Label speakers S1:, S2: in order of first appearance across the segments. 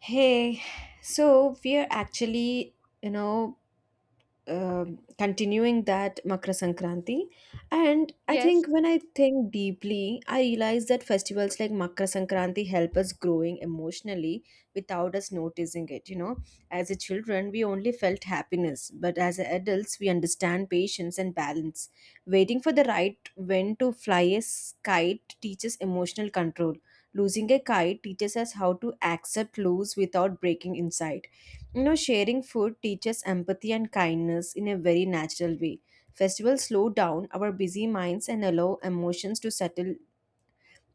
S1: Hey, so we're actually, you know, continuing that Makra Sankranti. And I
S2: Yes,
S1: think when I think deeply, I realize that festivals like Makra Sankranti help us growing emotionally without us noticing it. You know, as a children, we only felt happiness, but as adults, we understand patience and balance. Waiting for the right when to fly a kite teaches emotional control. Losing a kite teaches us how to accept lose without breaking inside. You know, sharing food teaches empathy and kindness in a very natural way. Festivals slow down our busy minds and allow emotions to settle.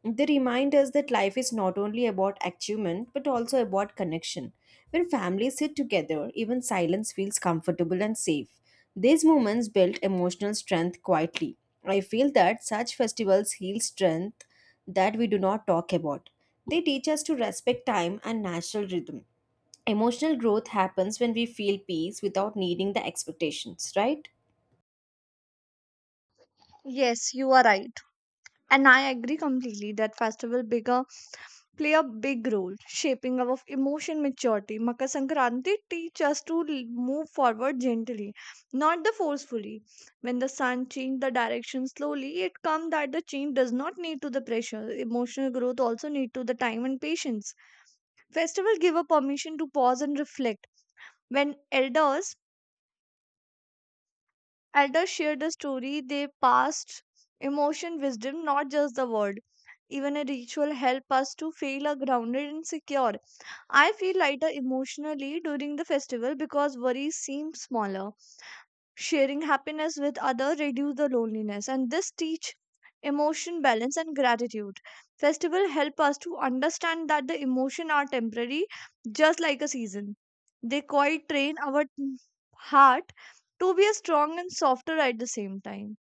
S1: They remind us that life is not only about achievement but also about connection. When families sit together, even silence feels comfortable and safe. These moments build emotional strength quietly. I feel that such festivals heal strength that we do not talk about. They teach us to respect time and natural rhythm. Emotional growth happens when we feel peace without needing the expectations, right?
S2: yes, you are right. And I agree completely that festival bigger play a big role shaping our emotion maturity. Makar Sankranti teach us to move forward gently, not the forcefully. When the sun change the direction slowly, it come that the change does not need to the pressure. Emotional growth also need to the time and patience. Festival give a permission to pause and reflect. When elders Elders share the story they passed, emotion, wisdom, not just the word. Even a ritual help us to feel are grounded and secure. I feel lighter emotionally during the festival because worries seem smaller. Sharing happiness with others reduce the loneliness and this teach emotion balance and gratitude. Festival help us to understand that the emotion are temporary just like a season. They quite train our heart to be a strong and softer at the same time.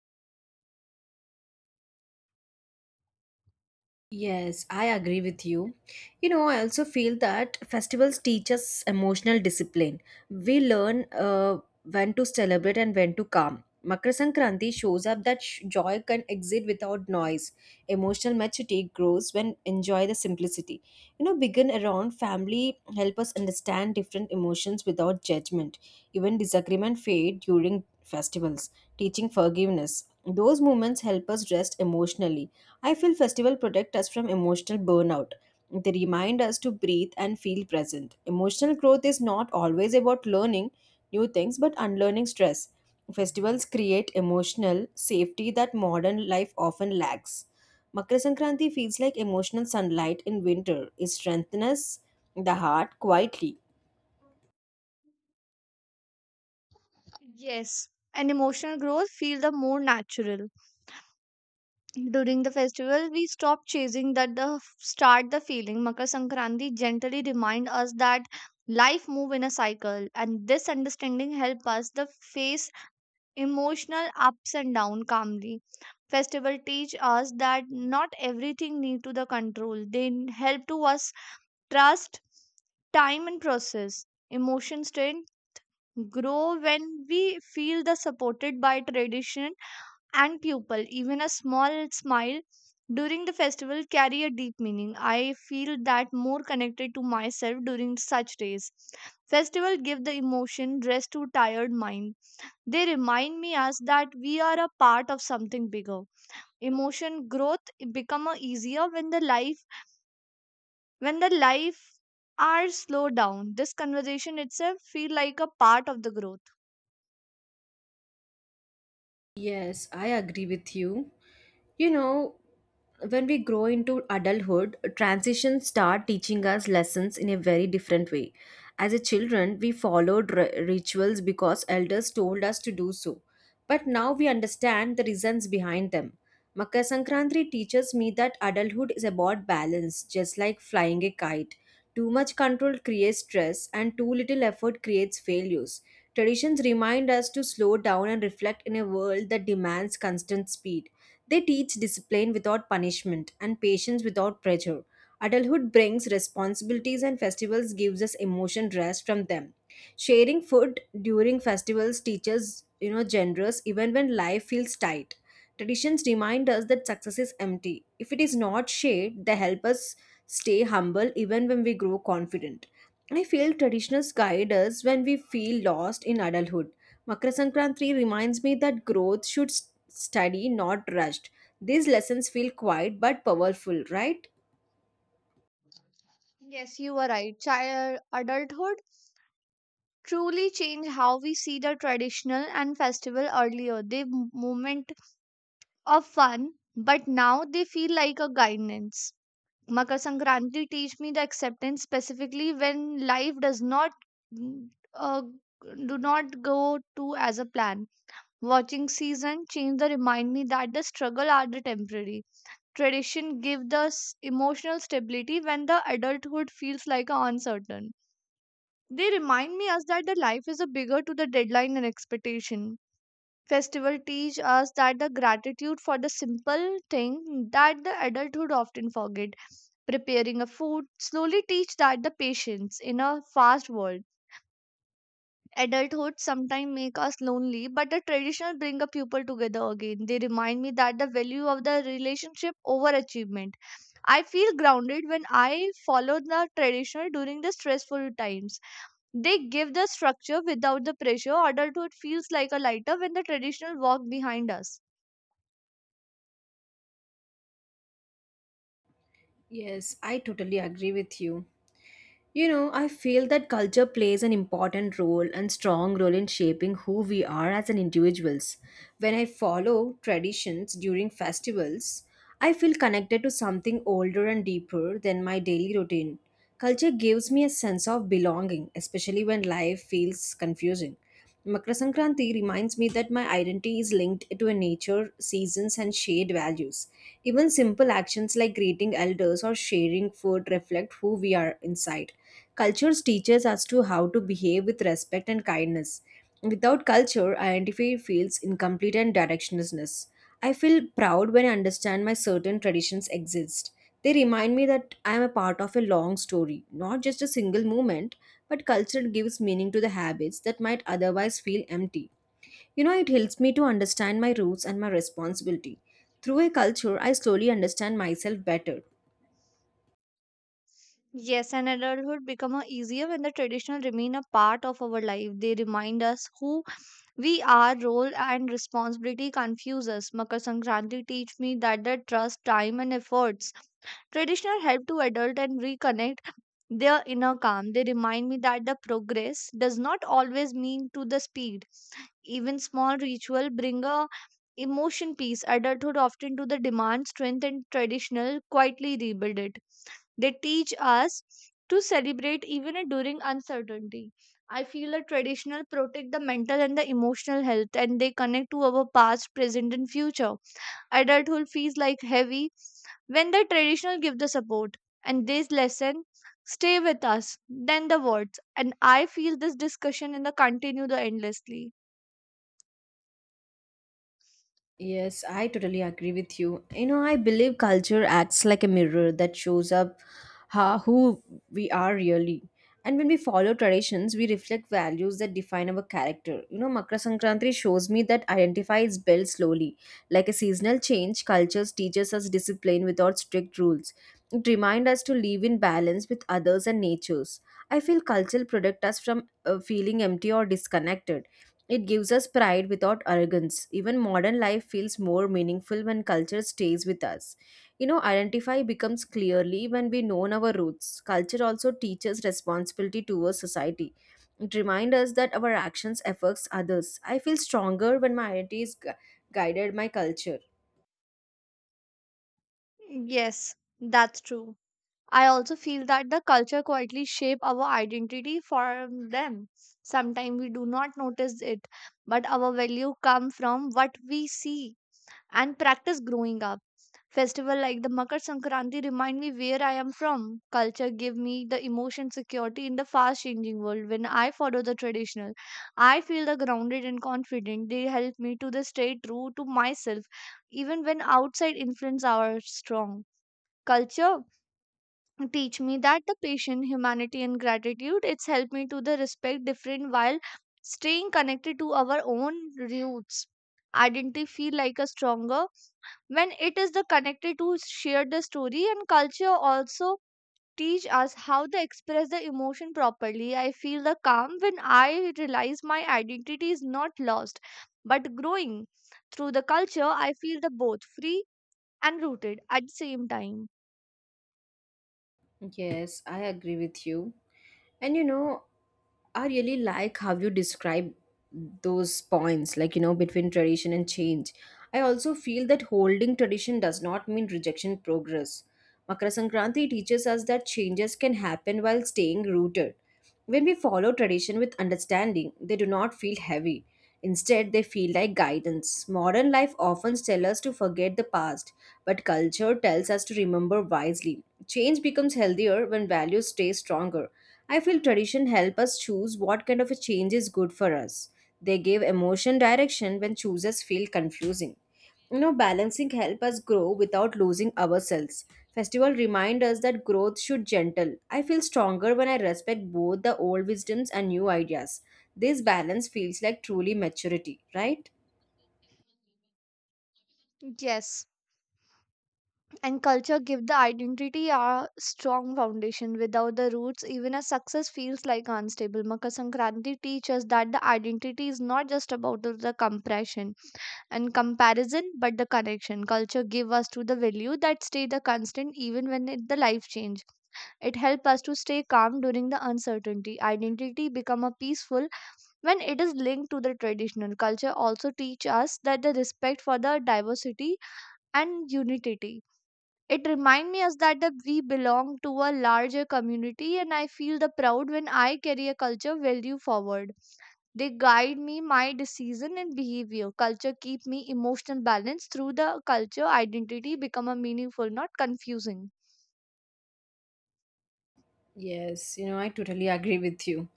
S1: Yes, I agree with you. You know, I also feel that festivals teach us emotional discipline. We learn when to celebrate and when to calm. Makar Sankranti shows up that joy can exist without noise. Emotional maturity grows when enjoy the simplicity. You know, begin around family help us understand different emotions without judgment. Even disagreement fade during festivals, teaching forgiveness. Those moments help us rest emotionally. I feel festivals protect us from emotional burnout. They remind us to breathe and feel present. Emotional growth is not always about learning new things but unlearning stress. Festivals create emotional safety that modern life often lacks. Makar Sankranti feels like emotional sunlight in winter. It strengthens the heart quietly.
S2: Yes. And emotional growth feel the more natural. During the festival, we stop chasing that the start the feeling. Makar Sankranti gently remind us that life move in a cycle, and this understanding help us the face emotional ups and down calmly. Festival teach us that not everything need to the control. They help to us trust time and process. Emotion strength grow when we feel the supported by tradition and pupil. Even a small smile during the festival carry a deep meaning. I feel that more connected to myself during such days. Festival give the emotion rest to tired mind. They remind me us that we are a part of something bigger. Emotion growth become a easier when the life are slowed down. This conversation itself feel like a part of the growth.
S1: Yes, I agree with you. You know, when we grow into adulthood, transitions start teaching us lessons in a very different way. As a children, we followed rituals because elders told us to do so. But now we understand the reasons behind them. Makar Sankranti teaches me that adulthood is about balance, just like flying a kite. Too much control creates stress, and too little effort creates failures. Traditions remind us to slow down and reflect in a world that demands constant speed. They teach discipline without punishment and patience without pressure. Adulthood brings responsibilities and festivals gives us emotion rest from them. Sharing food during festivals teaches, you know, generous even when life feels tight. Traditions remind us that success is empty. If it is not shared, they help us stay humble even when we grow confident. I feel traditions guide us when we feel lost in adulthood. Makar Sankranti reminds me that growth should study, not rushed. These lessons feel quiet but powerful, right?
S2: Yes, you are right. Child adulthood truly changed how we see the traditional and festival earlier. They moment of fun, but now they feel like a guidance. Makar Sankranti teach me the acceptance specifically when life does not mm, uh, do not go to as a plan. Watching season change the remind me that the struggle are the temporary. Tradition give the emotional stability when the adulthood feels like a uncertain. They remind me us that the life is a bigger to the deadline and expectation. Festival teach us that the gratitude for the simple thing that the adulthood often forget. Preparing a food slowly teach that the patience in a fast world. Adulthood sometimes make us lonely, but the traditional bring a people together again. They remind me that the value of the relationship over achievement. I feel grounded when I follow the traditional during the stressful times, they give the structure without the pressure. Adulthood feels like a lighter when the traditional walk behind us.
S1: Yes, I totally agree with you. You know, I feel that culture plays an important role and strong role in shaping who we are as an individuals. When I follow traditions during festivals, I feel connected to something older and deeper than my daily routine. Culture gives me a sense of belonging, especially when life feels confusing. Makra Sankranti reminds me that my identity is linked to a nature, seasons, and shared values. Even simple actions like greeting elders or sharing food reflect who we are inside. Cultures teaches us to how to behave with respect and kindness. Without culture, identity feels incomplete and directionlessness. I feel proud when I understand my certain traditions exist. They remind me that I am a part of a long story, not just a single moment, but culture gives meaning to the habits that might otherwise feel empty. You know, it helps me to understand my roots and my responsibility. Through a culture, I slowly understand myself better.
S2: Yes, and adulthood become a easier when the traditional remain a part of our life. They remind us who we are, role and responsibility confuse us. Makar Sankranti teach me that the trust, time and efforts. Traditional help to adult and reconnect their inner calm. They remind me that the progress does not always mean to the speed. Even small ritual bring a emotion peace. Adulthood often to the demand strength and traditional quietly rebuild it. They teach us to celebrate even during uncertainty. I feel a traditional protect the mental and the emotional health and they connect to our past, present and future. Adulthood feels like heavy when the traditional give the support and this lesson stay with us then the words, and I feel this discussion in the continue the endlessly.
S1: Yes, I totally agree with you. You know, I believe culture acts like a mirror that shows up how, who we are really. And when we follow traditions, we reflect values that define our character. You know, Makra Sankranti shows me that identify is built slowly. Like a seasonal change, cultures teaches us discipline without strict rules. It reminds us to live in balance with others and natures. I feel culture protect us from feeling empty or disconnected. It gives us pride without arrogance. Even modern life feels more meaningful when culture stays with us. You know, identify becomes clearly when we know our roots. Culture also teaches responsibility towards society. It reminds us that our actions affects others. I feel stronger when my identity is guided my culture.
S2: Yes, that's true. I also feel that the culture quietly shape our identity from them. Sometimes we do not notice it, but our value come from what we see and practice growing up. Festival like the Makar Sankranti remind me where I am from. Culture give me the emotion security in the fast changing world. When I follow the traditional, I feel the grounded and confident. They help me to the stay true to myself, even when outside influence are strong. Culture teach me that the patient humanity and gratitude, it's helped me to the respect different while staying connected to our own roots. Identity feel like a stronger when it is the connected to share the story, and culture also teach us how to express the emotion properly. I feel the calm when I realize my identity is not lost but growing through the culture. I feel the both free and rooted at the same time.
S1: Yes, I agree with you. And you know, I really like how you describe those points, like, you know, between tradition and change. I also feel that holding tradition does not mean rejection progress. Makara Sankranti teaches us that changes can happen while staying rooted. When we follow tradition with understanding, they do not feel heavy. Instead, they feel like guidance. Modern life often tells us to forget the past, but culture tells us to remember wisely. Change becomes healthier when values stay stronger. I feel tradition help us choose what kind of a change is good for us. They give emotion direction when choices feel confusing. You know, balancing help us grow without losing ourselves. Festival remind us that growth should gentle. I feel stronger when I respect both the old wisdoms and new ideas. This balance feels like truly maturity, right?
S2: Yes, and culture give the identity a strong foundation without the roots even a success feels like unstable. Makar Sankranti teaches that the identity is not just about the compression and comparison but the connection. Culture give us to the value that stay the constant even when it, the life change. It help us to stay calm during the uncertainty. Identity become a peaceful when it is linked to the traditional. Culture also teach us that the respect for the diversity and unity. It reminds me us that, the, we belong to a larger community, and I feel the proud when I carry a culture value forward. They guide me, my decision and behavior. Culture keep me emotional balance through the culture. Identity become a meaningful, not confusing.
S1: Yes, you know, I totally agree with you.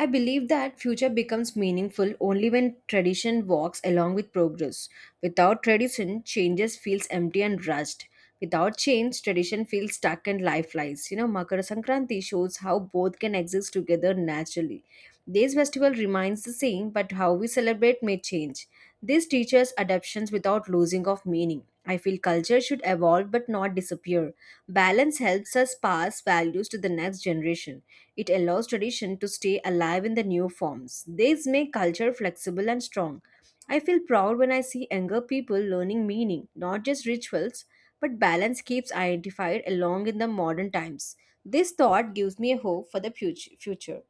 S1: I believe that future becomes meaningful only when tradition walks along with progress. Without tradition, changes feels empty and rushed. Without change, tradition feels stuck and lifeless. You know, Makara Sankranti shows how both can exist together naturally. This festival remains the same, but how we celebrate may change. This teaches adaptations without losing of meaning. I feel culture should evolve but not disappear. Balance helps us pass values to the next generation. It allows tradition to stay alive in the new forms. These make culture flexible and strong. I feel proud when I see younger people learning meaning, not just rituals, but balance keeps identified along in the modern times. This thought gives me a hope for the future.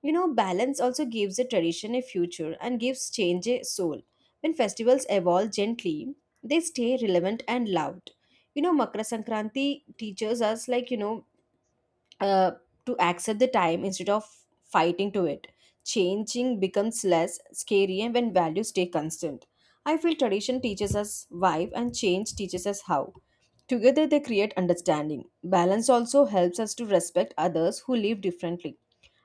S1: You know, balance also gives a tradition a future and gives change a soul. When festivals evolve gently, they stay relevant and loved. You know, makra sankranti teaches us, uh, to accept the time instead of fighting to it. Changing becomes less scary and when values stay constant, I feel tradition teaches us why and change teaches us how. Together they create understanding. Balance also helps us to respect others who live differently.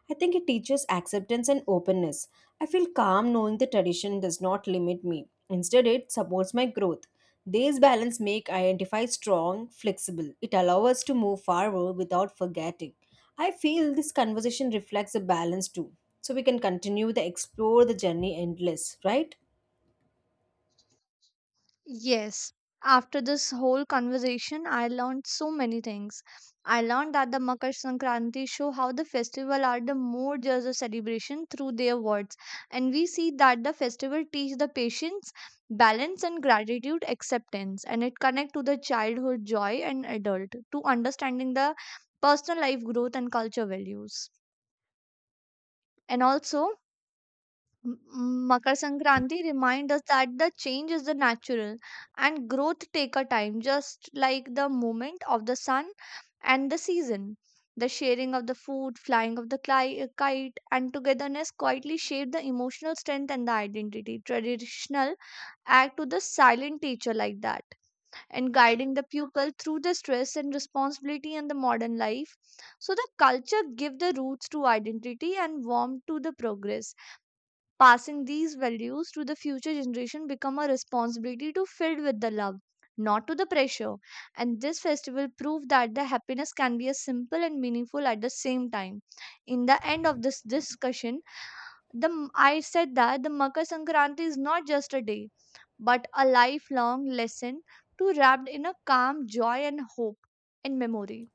S1: I think it teaches acceptance and openness. I feel calm knowing the tradition does not limit me. Instead, it supports my growth. These balance make identify strong, flexible. It allows us to move forward without forgetting. I feel this conversation reflects a balance too. So we can continue the explore the journey endless, right?
S2: Yes. After this whole conversation, I learned so many things. I learned that the Makar Sankranti show how the festival are the more just a celebration through their words. And we see that the festival teach the patience, balance and gratitude acceptance, and it connect to the childhood joy and adult to understanding the personal life growth and culture values. And also Makar Sankranti reminds us that the change is the natural and growth take a time, just like the movement of the sun and the season. The sharing of the food, flying of the kite, and togetherness quietly shape the emotional strength and the identity. Traditional act to the silent teacher like that, and guiding the pupil through the stress and responsibility in the modern life. So the culture give the roots to identity and warmth to the progress. Passing these values to the future generation become a responsibility to filled with the love, not to the pressure. And this festival proved that the happiness can be a simple and meaningful at the same time. In the end of this discussion, the I said that the Makar Sankranti is not just a day, but a lifelong lesson to wrapped in a calm joy and hope and memory.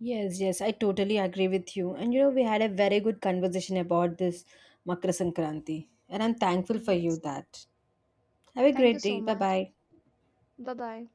S1: Yes, yes, I totally agree with you. And you know, we had a very good conversation about this Makra Sankranti. And I'm thankful for you
S2: Yes.
S1: that. Have a
S2: Thank you
S1: great
S2: so
S1: day. Bye
S2: much.
S1: bye.
S2: Bye bye.